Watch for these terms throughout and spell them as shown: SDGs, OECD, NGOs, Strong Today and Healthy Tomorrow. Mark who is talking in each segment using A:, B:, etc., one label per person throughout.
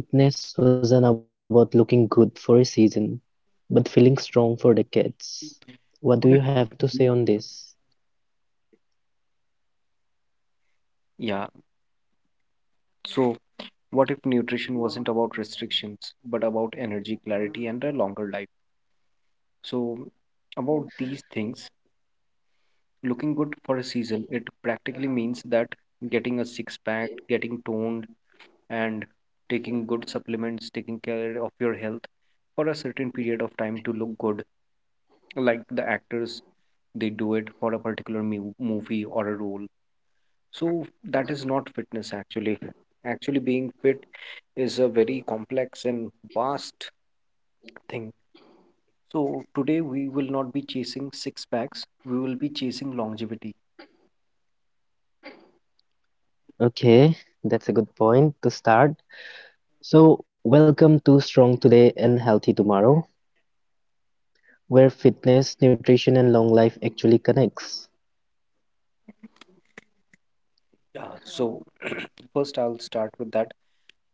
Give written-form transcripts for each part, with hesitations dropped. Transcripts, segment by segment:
A: What if fitness wasn't about looking good for a season, but feeling strong for decades? What do you
B: What
A: have to say on
B: if-
A: this?
B: Yeah, so what if nutrition wasn't about restrictions, but about energy clarity and a longer life? So, about these things, looking good for a season, it practically means that getting a six pack, getting toned, and taking good supplements, taking care of your health for a certain period of time to look good. Like the actors, they do it for a particular movie or a role. So, that is not fitness actually. Actually, being fit is a very complex and vast thing. So today we will not be chasing six packs, we will be chasing longevity.
A: Okay, that's a good point to start. So, welcome to Strong Today and Healthy Tomorrow, where fitness, nutrition, and long life actually connects.
B: Yeah. So first I'll start with that.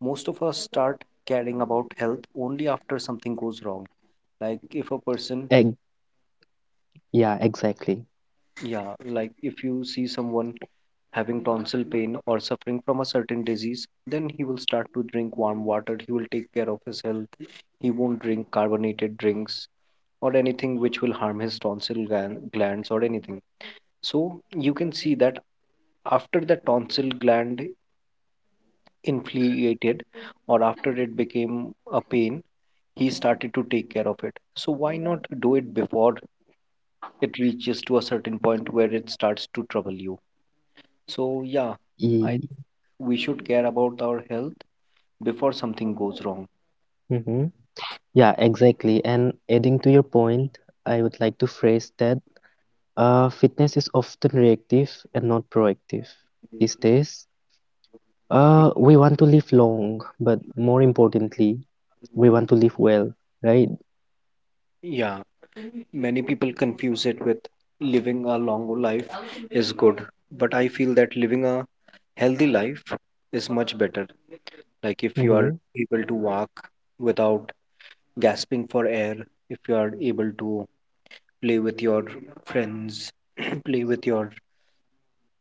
B: Most of us start caring about health only after something goes wrong. Like if a person,
A: Egg, yeah, exactly.
B: yeah, like if you see someone having tonsil pain or suffering from a certain disease, then he will start to drink warm water, he will take care of his health, he won't drink carbonated drinks or anything which will harm his tonsil glands or anything. So you can see that after the tonsil gland inflated or after it became a pain, he started to take care of it. So why not do it before it reaches to a certain point where it starts to trouble you? So yeah, I think
A: E-
B: we should care about our health before something goes wrong.
A: mhm. Yeah, exactly. And adding to your point, I would like to phrase that fitness is often reactive and not proactive. These days, we want to live long, but more importantly, we want to live well, right?
B: Yeah, many people confuse it with living a long life is good, but I feel that living a healthy life is much better. Like if you are
A: Mm-hmm.
B: able to walk without gasping for air, if you are able to play with your friends, play with your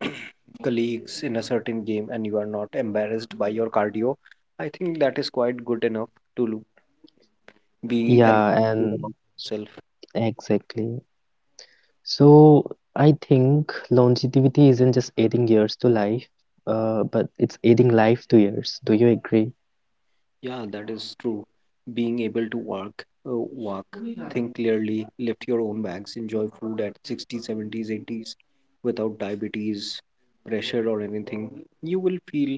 B: colleagues in a certain game and you are not embarrassed by your cardio, I think that is quite good enough to be and
A: Yeah,
B: feel good about
A: and
B: yourself.
A: exactly. So I think longevity isn't just adding years to life, but it's adding life to years. Do you agree?
B: Yeah, that is true. Being able to work, uh, walk, think clearly, lift your own bags, enjoy food at 60s, 70s, 80s without diabetes, pressure, or anything. You will feel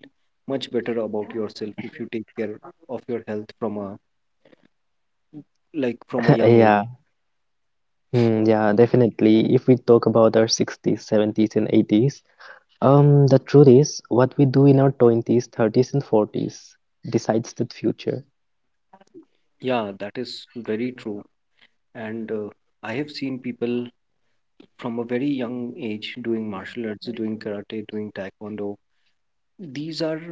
B: much better about yourself if you take care of your health from a young age.
A: Yeah, yeah, definitely. If we talk about our 60s, 70s, and 80s, the truth is what we do in our 20s, 30s, and 40s decides the future.
B: Yeah, that is very true. And I have seen people from a very young age doing martial arts, doing karate, doing taekwondo. These are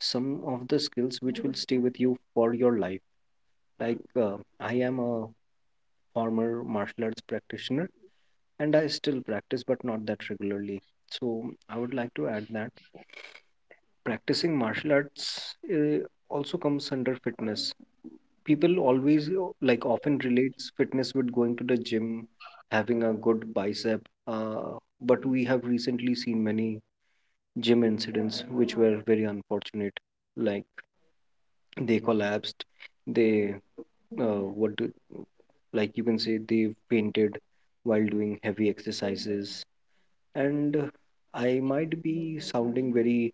B: some of the skills which will stay with you for your life, like I am a former martial arts practitioner and I still practice but not that regularly. So I would like to add that practicing martial arts also comes under fitness. People always like often relates fitness with going to the gym, having a good bicep, but we have recently seen many gym incidents which were very unfortunate, like they collapsed, they uh, what do, like you can say they fainted while doing heavy exercises. And I might be sounding very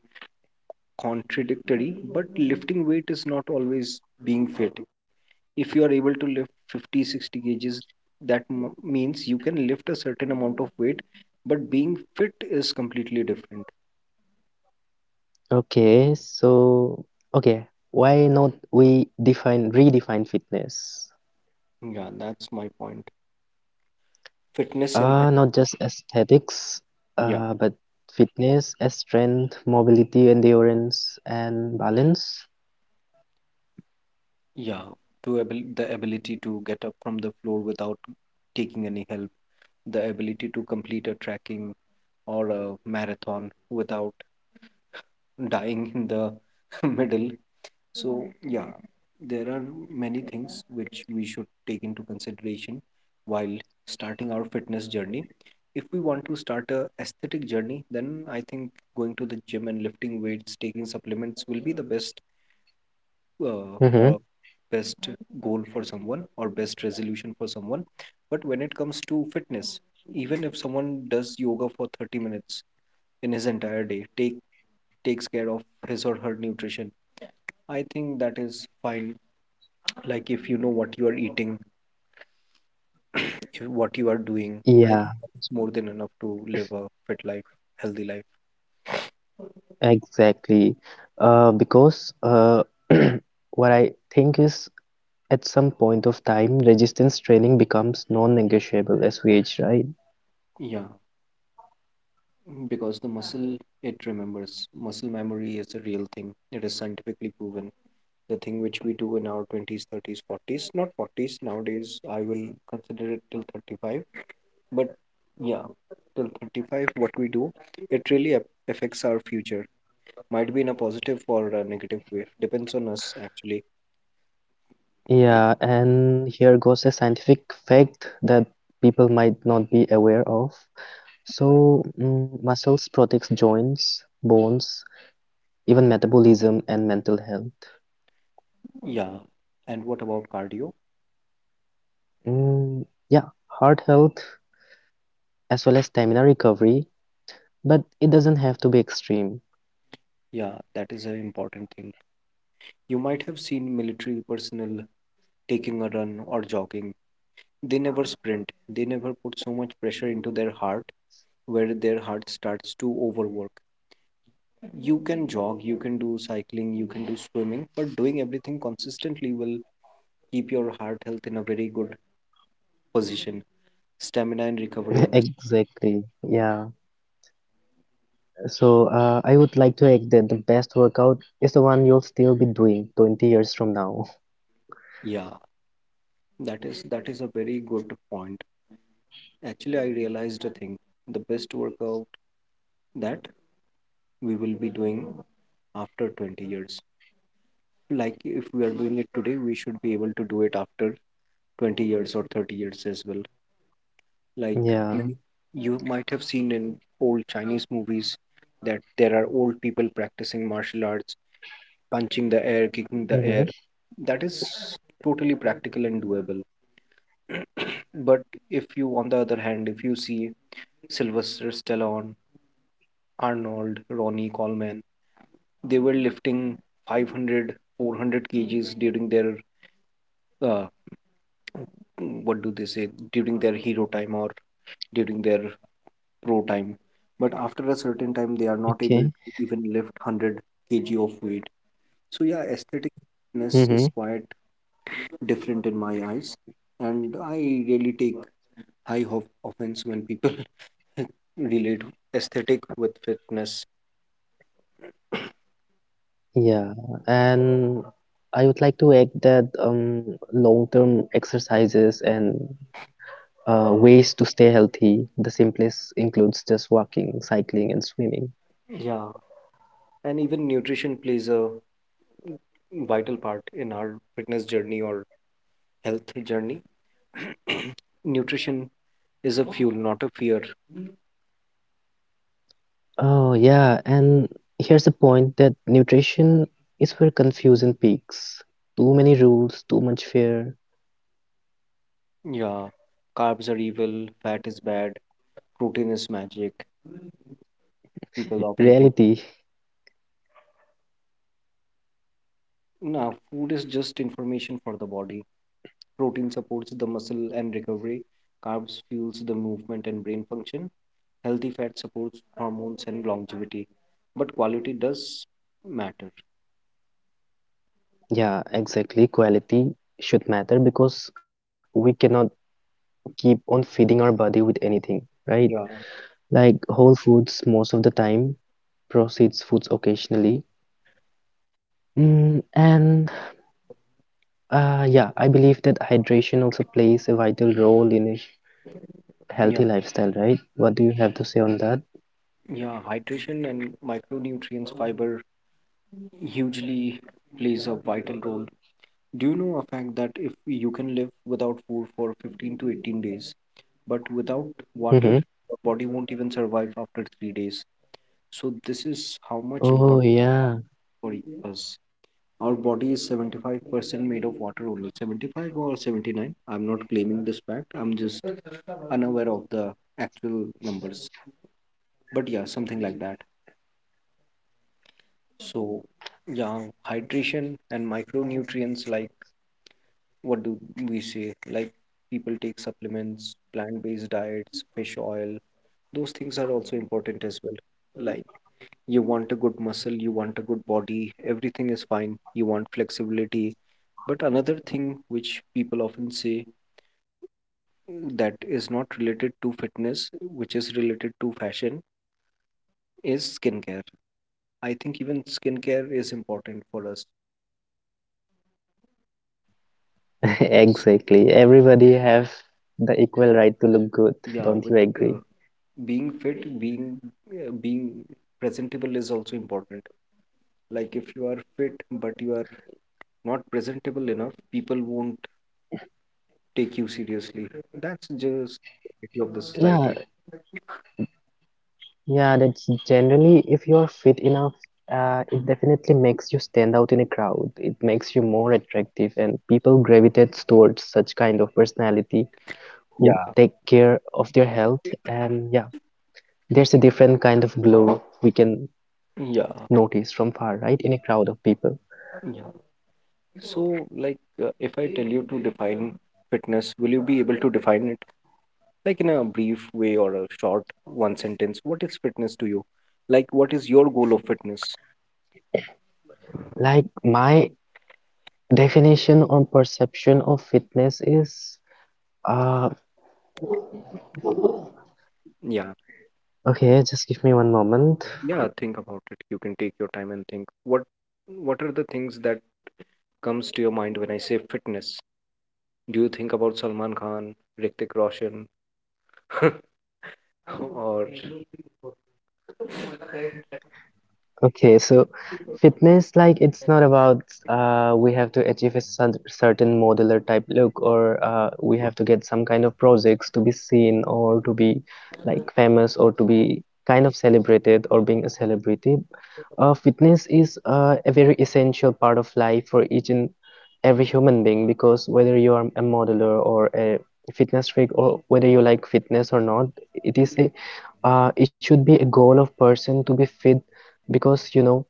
B: contradictory, but lifting weight is not always being fit. If you are able to lift 50, 60 kgs, that means you can lift a certain amount of weight, but being fit is completely different.
A: Okay, okay, why not we define redefine fitness?
B: Yeah, that's my point. Fitness.
A: Not just aesthetics,
B: Yeah.
A: but fitness as strength, mobility, endurance, and balance.
B: Yeah, to abil the ability to get up from the floor without taking any help, the ability to complete a trekking or a marathon without dying in the middle. So, yeah, there are many things which we should take into consideration while starting our fitness journey. If we want to start a aesthetic journey, then I think going to the gym and lifting weights, taking supplements will be the best
A: Mm-hmm.
B: for best goal for someone or best resolution for someone. But when it comes to fitness, even if someone does yoga for 30 minutes in his entire day, takes care of his or her nutrition, I think that is fine. Like if you know what you are eating, if what you are doing, I
A: Yeah,
B: think it's more than enough to live a fit healthy life
A: exactly. Because what I think is at some point of time, resistance training becomes non-negotiable as we age, right?
B: yeah, because the muscle, it remembers. Muscle memory is a real thing. It is scientifically proven. The thing which we do in our 20s, 30s, 40s, not 40s nowadays, I will consider it till 35. But yeah, till 35, what we do, it really affects our future. Might be in a positive or a negative way, depends on us actually.
A: Yeah, and here goes a scientific fact that people might not be aware of. So, muscles protects joints, bones, even metabolism and mental health.
B: Yeah. And what about cardio?
A: Mm, yeah, heart health as well as stamina recovery, but it doesn't have to be extreme.
B: Yeah, that is an important thing. You might have seen military personnel taking a run or jogging. They never sprint. They never put so much pressure into their heart where their heart starts to overwork. You can jog, you can do cycling, you can do swimming, but doing everything consistently will keep your heart health in a very good position. Stamina and recovery.
A: Exactly. Yeah. So I would like to add that the best workout is the one you'll still be doing 20 years from now.
B: Yeah, that is a very good point. Actually, I realized a thing. The best workout that we will be doing after 20 years. Like if we are doing it today, we should be able to do it after 20 years or 30 years as well. Like many,
A: Yeah.
B: you might have seen in old Chinese movies that there are old people practicing martial arts, punching the air, kicking the air.
A: Hmm.
B: That is totally practical and doable. But if you, on the other hand, if you see Sylvester Stallone, Arnold, Ronnie Coleman, they were lifting 500, 400 kgs during their, uh, what do they say, during their hero time or during their row time. But after a certain time, they are not able
A: Okay.
B: to even lift 100 kg of weight. So, yeah, aesthetic fitness
A: Mm-hmm.
B: is quite different in my eyes. And I really take high of offense when people relate aesthetic with fitness.
A: Yeah. And I would like to add that long-term exercises and ways to stay healthy, the simplest includes just walking, cycling, and swimming.
B: Yeah. And even nutrition plays a vital part in our fitness journey or health journey. Nutrition is a fuel, not a fear.
A: Oh, yeah. And here's the point that nutrition is where confusion peaks. Too many rules, too much fear.
B: Yeah, carbs are evil, fat is bad, protein is magic. People often think,
A: Reality,
B: nah, food is just information for the body. Protein supports the muscle and recovery, carbs fuels the movement and brain function. Healthy fat supports hormones and longevity. But quality does matter.
A: yeah, exactly. Quality should matter because we cannot keep on feeding our body with anything,
B: Yeah,
A: right? Like whole foods most of the time, processed foods occasionally. And yeah, I believe that hydration also plays a vital role in a
B: yeah,
A: healthy lifestyle, right? What do you have to say on that?
B: yeah. Hydration and micronutrients, fiber hugely plays a vital role. Do you know a fact that if you can live without food for 15 to 18 days, but without water, your body
A: Mm-hmm.
B: won't even survive after 3 days? So, this is how much important
A: Oh
B: for
A: yeah,
B: us. Our body is 75% made of water only. 75 or 79? I'm not claiming this fact, I'm just unaware of the actual numbers. But yeah, something like that. So, yeah, hydration and micronutrients, like, what do we say? Like people take supplements, plant-based diets, fish oil. Those things are also important as well. Like you want a good muscle, you want a good body, everything is fine. You want flexibility. But another thing which people often say that is not related to fitness, which is related to fashion, is skincare. I think even skincare is important for us.
A: exactly. Everybody have the equal right to look good,
B: Yeah,
A: don't
B: with
A: you
B: uh,
A: agree?
B: being fit, being presentable is also important. Like if you are fit but you are not presentable enough, people won't take you seriously. That's just the reality of the society.
A: Yeah, yeah, that's generally if you are fit enough, it definitely makes you stand out in a crowd. It makes you more attractive, and people gravitate towards such kind of personality who
B: Yeah.
A: take care of their health. And yeah, there's a different kind of glow we can
B: Yeah,
A: notice from far, right, in a crowd of people.
B: yeah. So, like, if I tell you to define fitness, will you be able to define it like in a brief way or a short one sentence? What is fitness to you? Like, what is your goal of fitness?
A: Like my definition or perception of fitness is, uh,
B: Yeah,
A: okay, just give me one moment.
B: yeah, think about it. You can take your time and think. What are the things that comes to your mind when I say fitness? Do you think about Salman Khan, Hrithik Roshan, or,
A: Okay, so fitness, like it's not about we have to achieve a certain modeler type look or we have to get some kind of projects to be seen or to be like famous or to be kind of celebrated or being a celebrity. Fitness is a very essential part of life for each and every human being because whether you are a modeler or a fitness freak or whether you like fitness or not, it is a it should be a goal of person to be fit because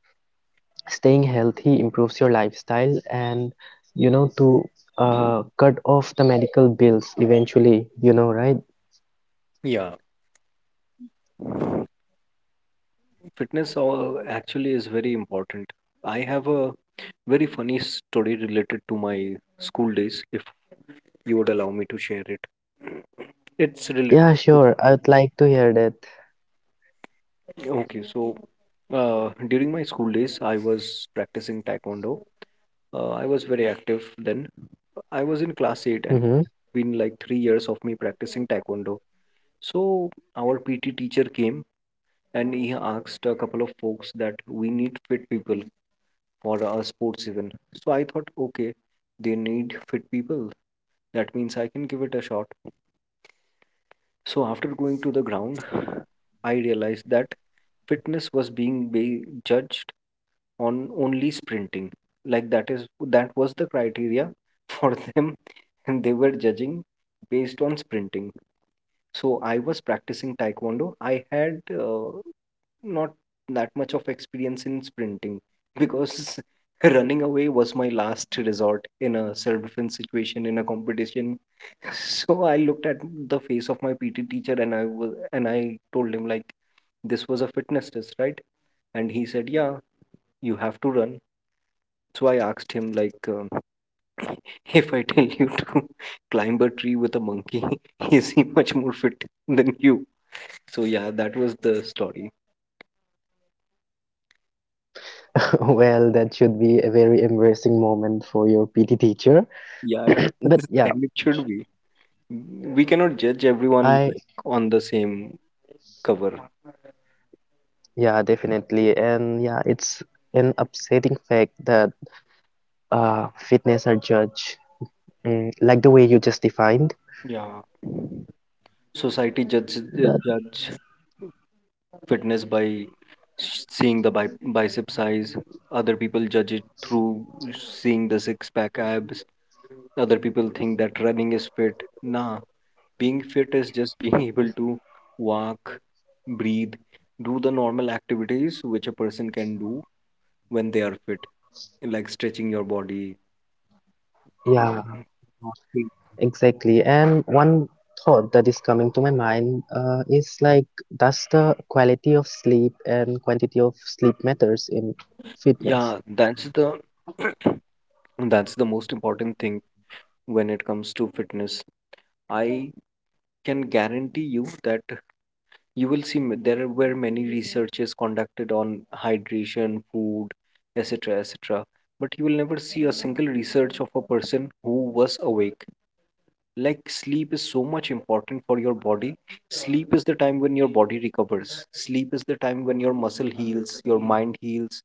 A: staying healthy improves your lifestyle and to cut off the medical bills eventually, you know, right?
B: yeah, fitness all actually is very important. I have a very funny story related to my school days, if you would allow me to share it. It's related.
A: Yeah, sure, I'd like to hear that.
B: Okay, so during my school days, I was practicing taekwondo. I was very active then. I was in class 8 and
A: Hmm.
B: been like 3 years of me practicing taekwondo. So our PT teacher came and he asked a couple of folks that we need fit people for a sports event. So I thought, okay, they need fit people. That means I can give it a shot. So after going to the ground, I realized that fitness was being judged on only sprinting. Like that was the criteria for them, and they were judging based on sprinting. So I was practicing taekwondo. I had not that much of experience in sprinting because running away was my last resort in a self-defense situation in a competition. So I looked at the face of my PT teacher and I was and I told him, like, this was a fitness test, right? And he said, yeah, you have to run. So I asked him, like if I tell you to climb a tree with a monkey, is he much more fit than you? So yeah, that was the story.
A: Well, that should be a very embarrassing moment for your PT teacher.
B: Yeah, it
A: But
B: was,
A: yeah,
B: and it should be. We cannot judge everyone,
A: I
B: like, on the same cover.
A: yeah, definitely. And yeah, it's an upsetting fact that fitness are judged, like the way you just defined.
B: Yeah, society judge
A: But
B: fitness by seeing the bicep size. Other people judge it through seeing the six pack abs. Other people think that running is fit, nah. Being fit is just being able to walk, breathe, do the normal activities which a person can do when they are fit, like stretching your body.
A: yeah,
B: mm,
A: exactly. And one thought that is coming to my mind is like, does the quality of sleep and quantity of sleep matters in
B: Yeah, that's
A: fitness?
B: the that's the most important thing when it comes to fitness. I can guarantee you that you will there were many researches conducted on hydration, food, etc., etc. But you will never see a single research of a person who was awake. Like, sleep is so much important for your body. Sleep is the time when your body recovers. Sleep is the time when your muscle heals, your mind heals.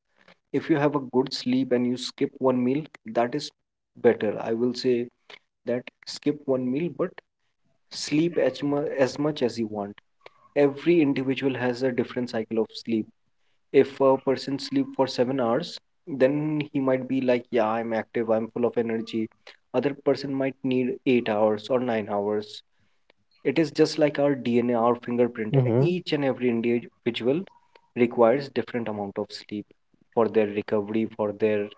B: If you have a good sleep and you skip one meal, that is better, I will say. That, skip one meal, but sleep as much as you want. Every individual has a different cycle of sleep. If a person sleep for 7 hours, then he might be like, yeah, I'm active, I'm full of energy. Other person might need 8 hours or 9 hours. It is just like our DNA, our fingerprint.
A: Mm-hmm.
B: Each and every individual requires different amount of sleep for their recovery, for their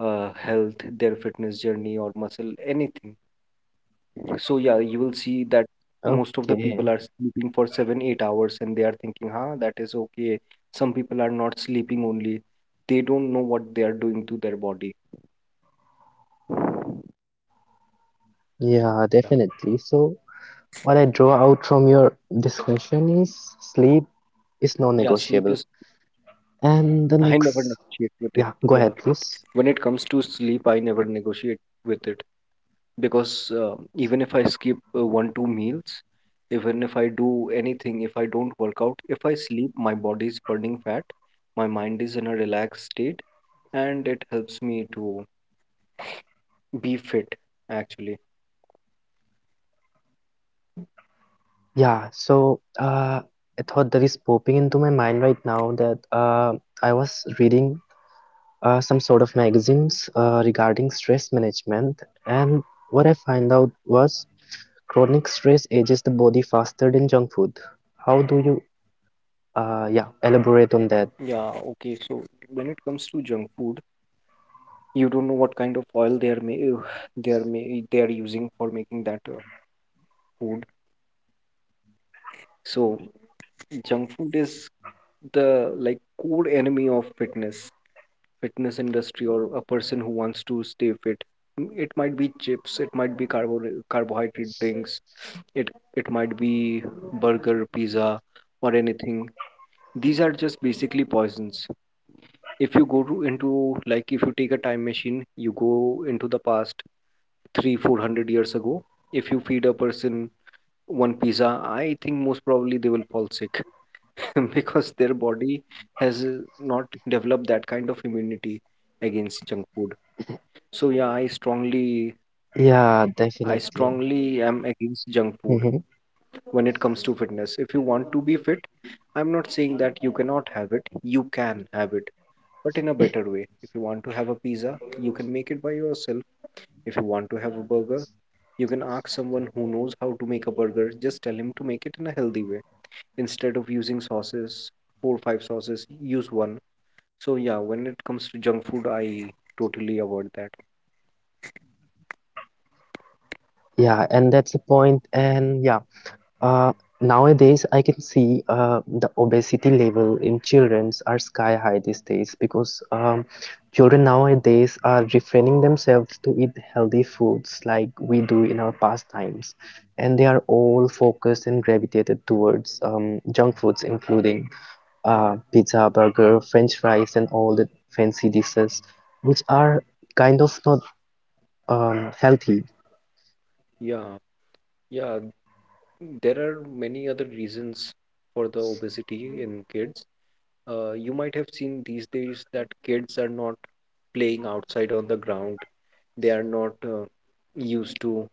B: health, their fitness journey, or muscle, anything. So yeah, you will see that most of the people are
A: Okay.
B: sleeping for 7, 8 hours, and they are thinking, "Huh, that is okay." Some people are not sleeping only; they don't know what they are doing to their body.
A: Yeah,
B: Yeah,
A: definitely. So, what I draw out from your discussion is sleep is
B: yeah, sleep is.
A: non-negotiable. And
B: I
A: the
B: never
A: next,
B: negotiate with it.
A: yeah,
B: Yeah.
A: go ahead,
B: When it
A: please.
B: comes to sleep, I never negotiate with it because even if I skip one, two meals, even if I do anything, if I don't work out, if I sleep, my body is burning fat, my mind is in a relaxed state, and it helps me to be fit, actually.
A: Yeah, so a thought that is popping into my mind right now that I was reading some sort of magazines regarding stress management. And what I find out was chronic stress ages the body faster than junk food. How do you, yeah, elaborate on
B: Yeah,
A: that?
B: okay. So when it comes to junk food, you don't know what kind of oil they are using for making that food. So junk food is the, like, core enemy of fitness industry, or a person who wants to stay fit. Mm, it might be chips, it might be carbohydrate drinks. It it might be burger, pizza, or anything. These are just basically poisons. If you into, like, if you take a time machine, you go into the past 3 400 years ago. If you feed a person one pizza, I think most probably they will fall sick because their body has not developed that kind of immunity against junk food. So yeah,
A: Yeah,
B: I
A: definitely.
B: strongly am against junk food.
A: Hmm.
B: When it comes to fitness, if you want to be fit, I'm not saying that you cannot have it, you can have it, but in a better way. If you want to have a pizza, you can make it by yourself. If you want to have a burger, you can ask someone who knows how to make a burger. Just tell him to make it in a healthy way. Instead of using sauces, four or five sauces, use one. So yeah, when it comes to junk food, I totally avoid that.
A: Yeah, and that's a point. And yeah, Uh, nowadays, I can see the obesity level in childrens are sky high these days because children nowadays are refraining themselves to eat healthy foods like we do in our past times, and they are all focused and gravitated towards junk foods, including pizza, burger, French fries, and all the fancy dishes, which are kind of not healthy.
B: Yeah, yeah. There are many other reasons for the obesity in kids. You might have seen these days that kids are not playing outside on the ground. They are not used to,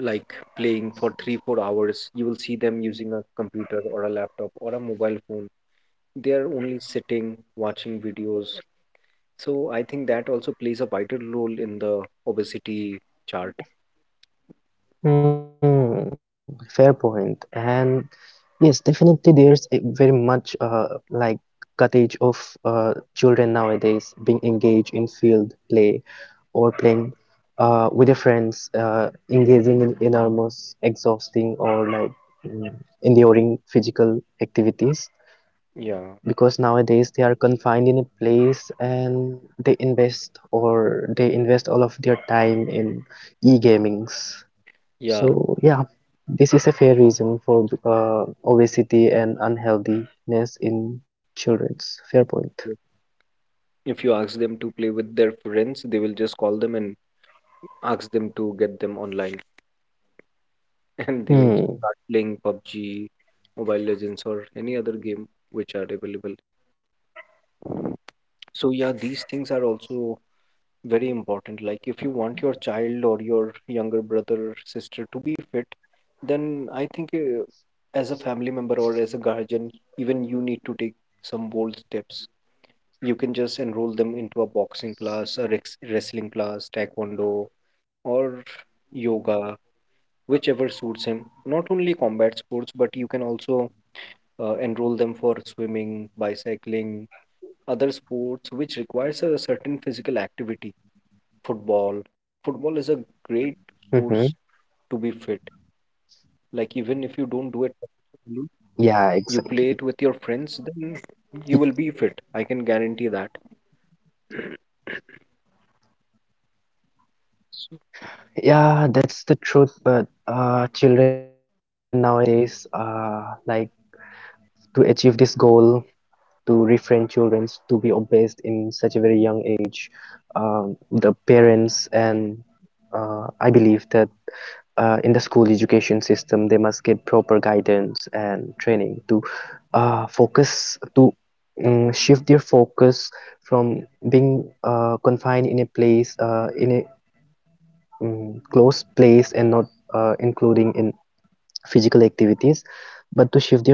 B: like, playing for 3, 4 hours. You will see them using a computer or a laptop or a mobile phone. They are only sitting, watching videos. So I think that also plays a vital role in the obesity chart.
A: Hmm, fair point. And yes, definitely there's a very much like cottage of children nowadays being engaged in field play or playing with their friends, engaging in enormous, exhausting or like mm, enduring physical
B: Yeah,
A: activities because nowadays they are confined in a place and they invest all of their time in
B: yeah.
A: e-gamings. So
B: If
A: yeah, this is a fair reason for obesity and unhealthiness in
B: you
A: children's. Fair point.
B: if you ask them to play with their friends, they will just call them and ask them to get them online, and they will just start playing
A: Mm,
B: PUBG, Mobile Legends, or any other game which are available. So yeah, these things are also very important. Like, if you want your child or your younger brother or sister to be fit, then I think, as a family member or as a guardian, even you need to take some bold steps. You can just enroll them into a boxing class, a wrestling class, taekwondo, or yoga, whichever suits him. Not only combat sports, but you can also enroll them for swimming, bicycling, other sports which requires a certain physical activity. Football. Football is a great
A: mm-hmm.
B: source to be fit. Like, even if you don't do it professionally,
A: Yeah,
B: you play it
A: exactly.
B: with your friends, then you will be
A: Y-
B: fit. I can guarantee that. So,
A: Yeah, that's the truth. But children nowadays, like to achieve this goal, to refrain children to be obese in such a very young age, the parents and I believe that in the school education system, they must get proper guidance and training to focus to shift their focus from being confined in a place in a closed place and not including in physical activities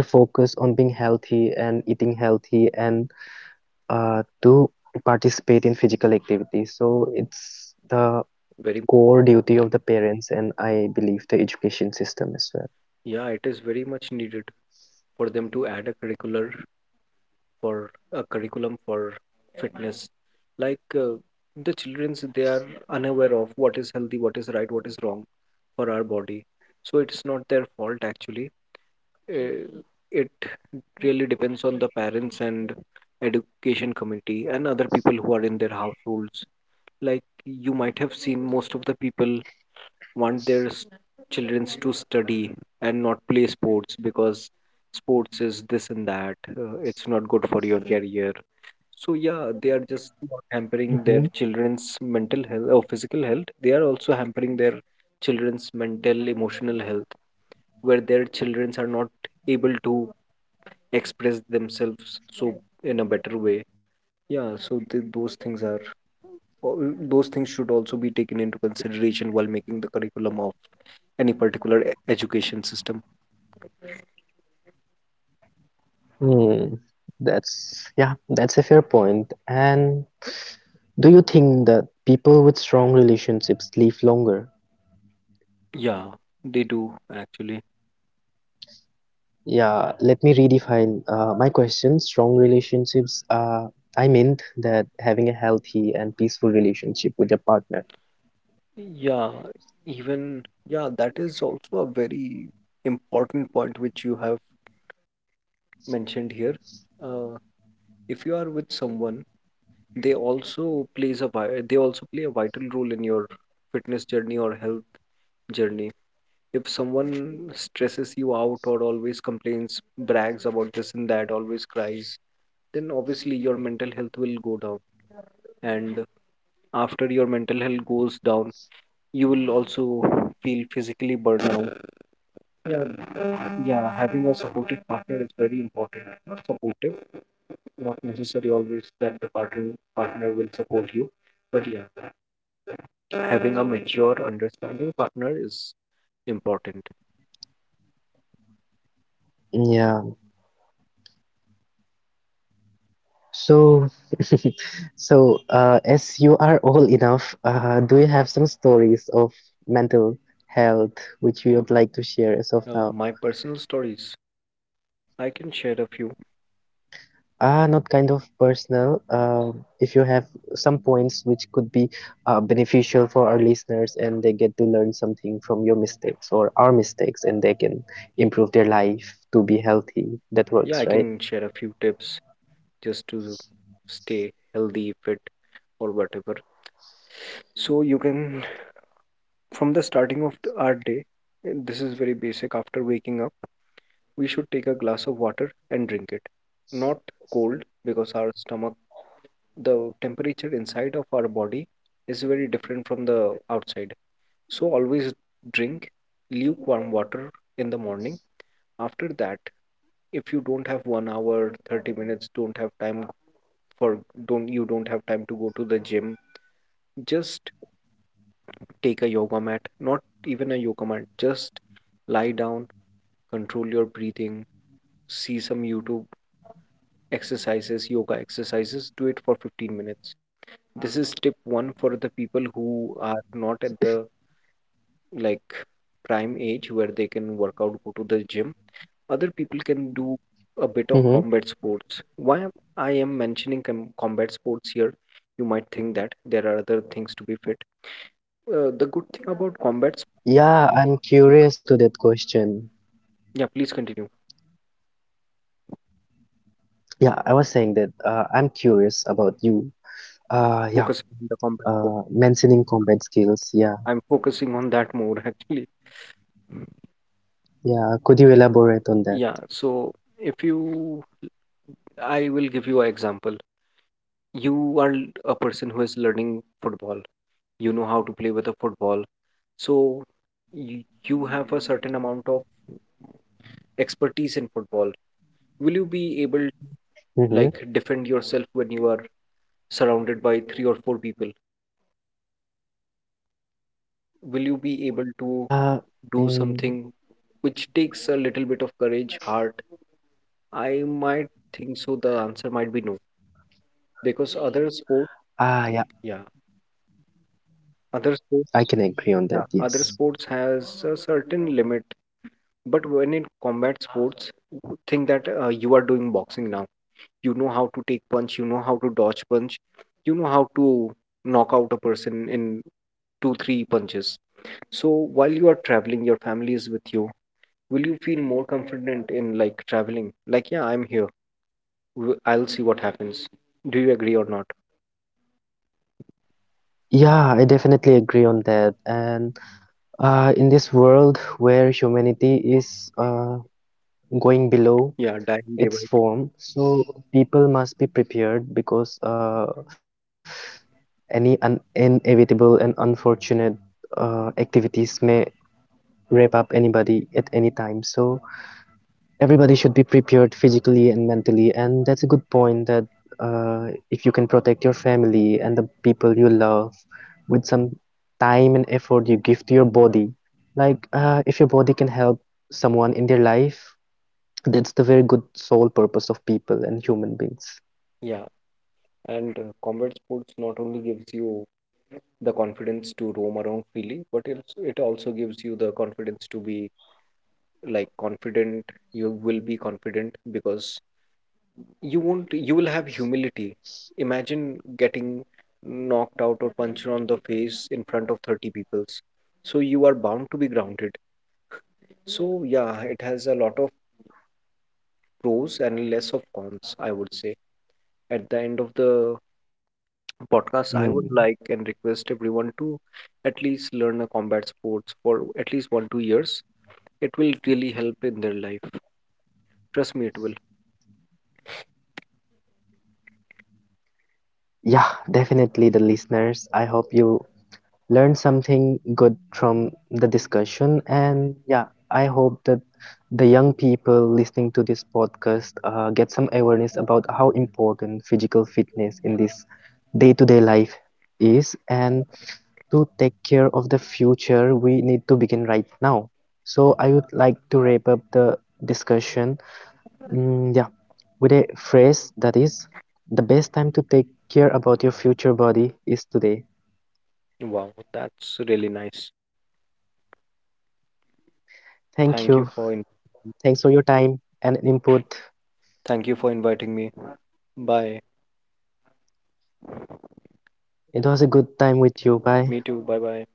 A: but to shift their focus on being healthy and eating healthy and to participate in physical activities, so it's
B: very
A: the core duty of the parents and I believe the education
B: yeah,
A: system
B: it
A: as
B: is
A: well.
B: very much needed for them to add a curriculum for fitness. Like, the childrens, they are unaware of what is healthy, what is right, what is wrong for our body. So it's not their fault, actually. Uh, it really depends on the parents and education committee and other people who are in their households. Like, you might have seen most of the people want their children to study and not play sports because sports is this and that, it's not good for your career. So yeah, they are just not hampering their children's
A: Mhm.
B: mental health or physical health, they are also hampering their children's mental, emotional health, where their children are not able to express themselves, so, in a better way. Yeah, so those things are, those things should also be taken into consideration while making the curriculum of any particular education system.
A: Hmm, that's, yeah, that's a fair point. And do you think that people with strong relationships live longer?
B: Yeah, they do, actually.
A: Yeah, let me redefine my question. Strong relationships, I meant that having a healthy and peaceful relationship with your partner.
B: Yeah, even, yeah, that is also a very important point which you have mentioned here. uh, if you are with someone, they also they also play a vital role in your fitness journey or health journey. If someone stresses you out or always complains, brags about this and that, always cries, then obviously your mental health will go down, and after your mental health goes down, you will also feel physically burned out. Yeah. Yeah, having a supportive partner is very important. Not supportive, not necessary always that the partner will support you, but yeah, having a mature, understanding partner is important.
A: Yeah. So, as you are old enough, do you have some stories of mental health which you would like to share as
B: My
A: of now?
B: personal stories, I can share a few.
A: Ah, not kind of personal. If you have some points which could be beneficial for our listeners and they get to learn something from your mistakes or our mistakes and they can improve their life to be healthy, that
B: Yeah, I
A: works,
B: can
A: right?
B: share a few tips just to stay healthy, fit, or whatever. So you can, from the starting of our day, and this is very basic. After waking up, we should take a glass of water and drink it. Not cold, because our stomach, the temperature inside of our body is very different from the outside. So, always drink lukewarm water in the morning. After that, if you don't have 1 hour, 30 minutes, don't have time for, don't, you don't have time to go to the gym, just take a yoga mat, not even a yoga mat, just lie down, control your breathing, see some YouTube exercises, yoga exercises, do it for 15 minutes. This is tip one for the people who are not at the, like, prime age where they can work out, go to the gym. Other people can do a bit of
A: Mm-hmm.
B: combat sports. Why I am mentioning combat sports here, you might think that there are other things to be fit. The good thing about combats,
A: Yeah, I'm curious to that question.
B: yeah, please continue.
A: Yeah, I was saying that I'm curious about you.
B: Focusing
A: Yeah,
B: on the combat core.
A: mentioning combat skills.
B: I'm
A: Yeah,
B: focusing on that more actually.
A: yeah. Could you
B: Yeah,
A: elaborate on that?
B: so if you, I will give you an example. You are a person who is learning football. You know how to play with a football. So you have a certain amount of expertise in football. Will you be able to, like,
A: Mm-hmm.
B: defend yourself when you are surrounded by three or four people? Will you be able to do
A: Uh,
B: something
A: mm,
B: which takes a little bit of courage, heart, I might think so. The answer might be no, because yeah,
A: yeah,
B: other sports,
A: I
B: yeah,
A: can agree
B: other
A: on that,
B: sports
A: yes.
B: has a certain limit. But when in combat sports, think that you are doing boxing now. You know how to take punch. You know how to dodge punch. You know how to knock out a person in two three punches. So while you are traveling, your family is with you. Will you feel more confident in, like, traveling? Like, yeah, I'm here. I'll see what happens. Do you agree or not?
A: Yeah, I definitely agree on that. And in this world where humanity is going
B: Yeah, dying
A: below
B: day by day.
A: its form, so people must be prepared because any un inevitable and unfortunate activities may wrap up anybody at any time. So everybody should be prepared physically and mentally, and that's a good point that if you can protect your family and the people you love with some time and effort you give to your body, like if your body can help someone in their life, that's the very good sole purpose of people and human
B: Yeah,
A: beings.
B: and combat sports not only gives you the confidence to roam around freely, but it also gives you the confidence to be, like, confident. You will be confident because you won't. You will have humility. Imagine getting knocked out or punched on the face in front of 30 peoples. So you are bound to be grounded. So yeah, it has a lot of pros and less of cons, I would say. At the end of the podcast, I
A: Hmm.
B: would like and request everyone to at least learn a combat sports for at least one two years. It will really help in their life. Trust me, it will.
A: Yeah, definitely the listeners. I hope you learned something good from the discussion. And yeah, I hope that the young people listening to this podcast get some awareness about how important physical fitness in this day-to-day life is and to take care of the future we need to begin right now. So I would like to wrap up the discussion, yeah, with a phrase that is the best time to take care about your future body is today.
B: Wow, that's really nice. Thank you
A: Thank you. Thanks for your time and input.
B: thank you for inviting me. Bye.
A: It was a good time with you.
B: Me too.
A: Bye.
B: Bye bye.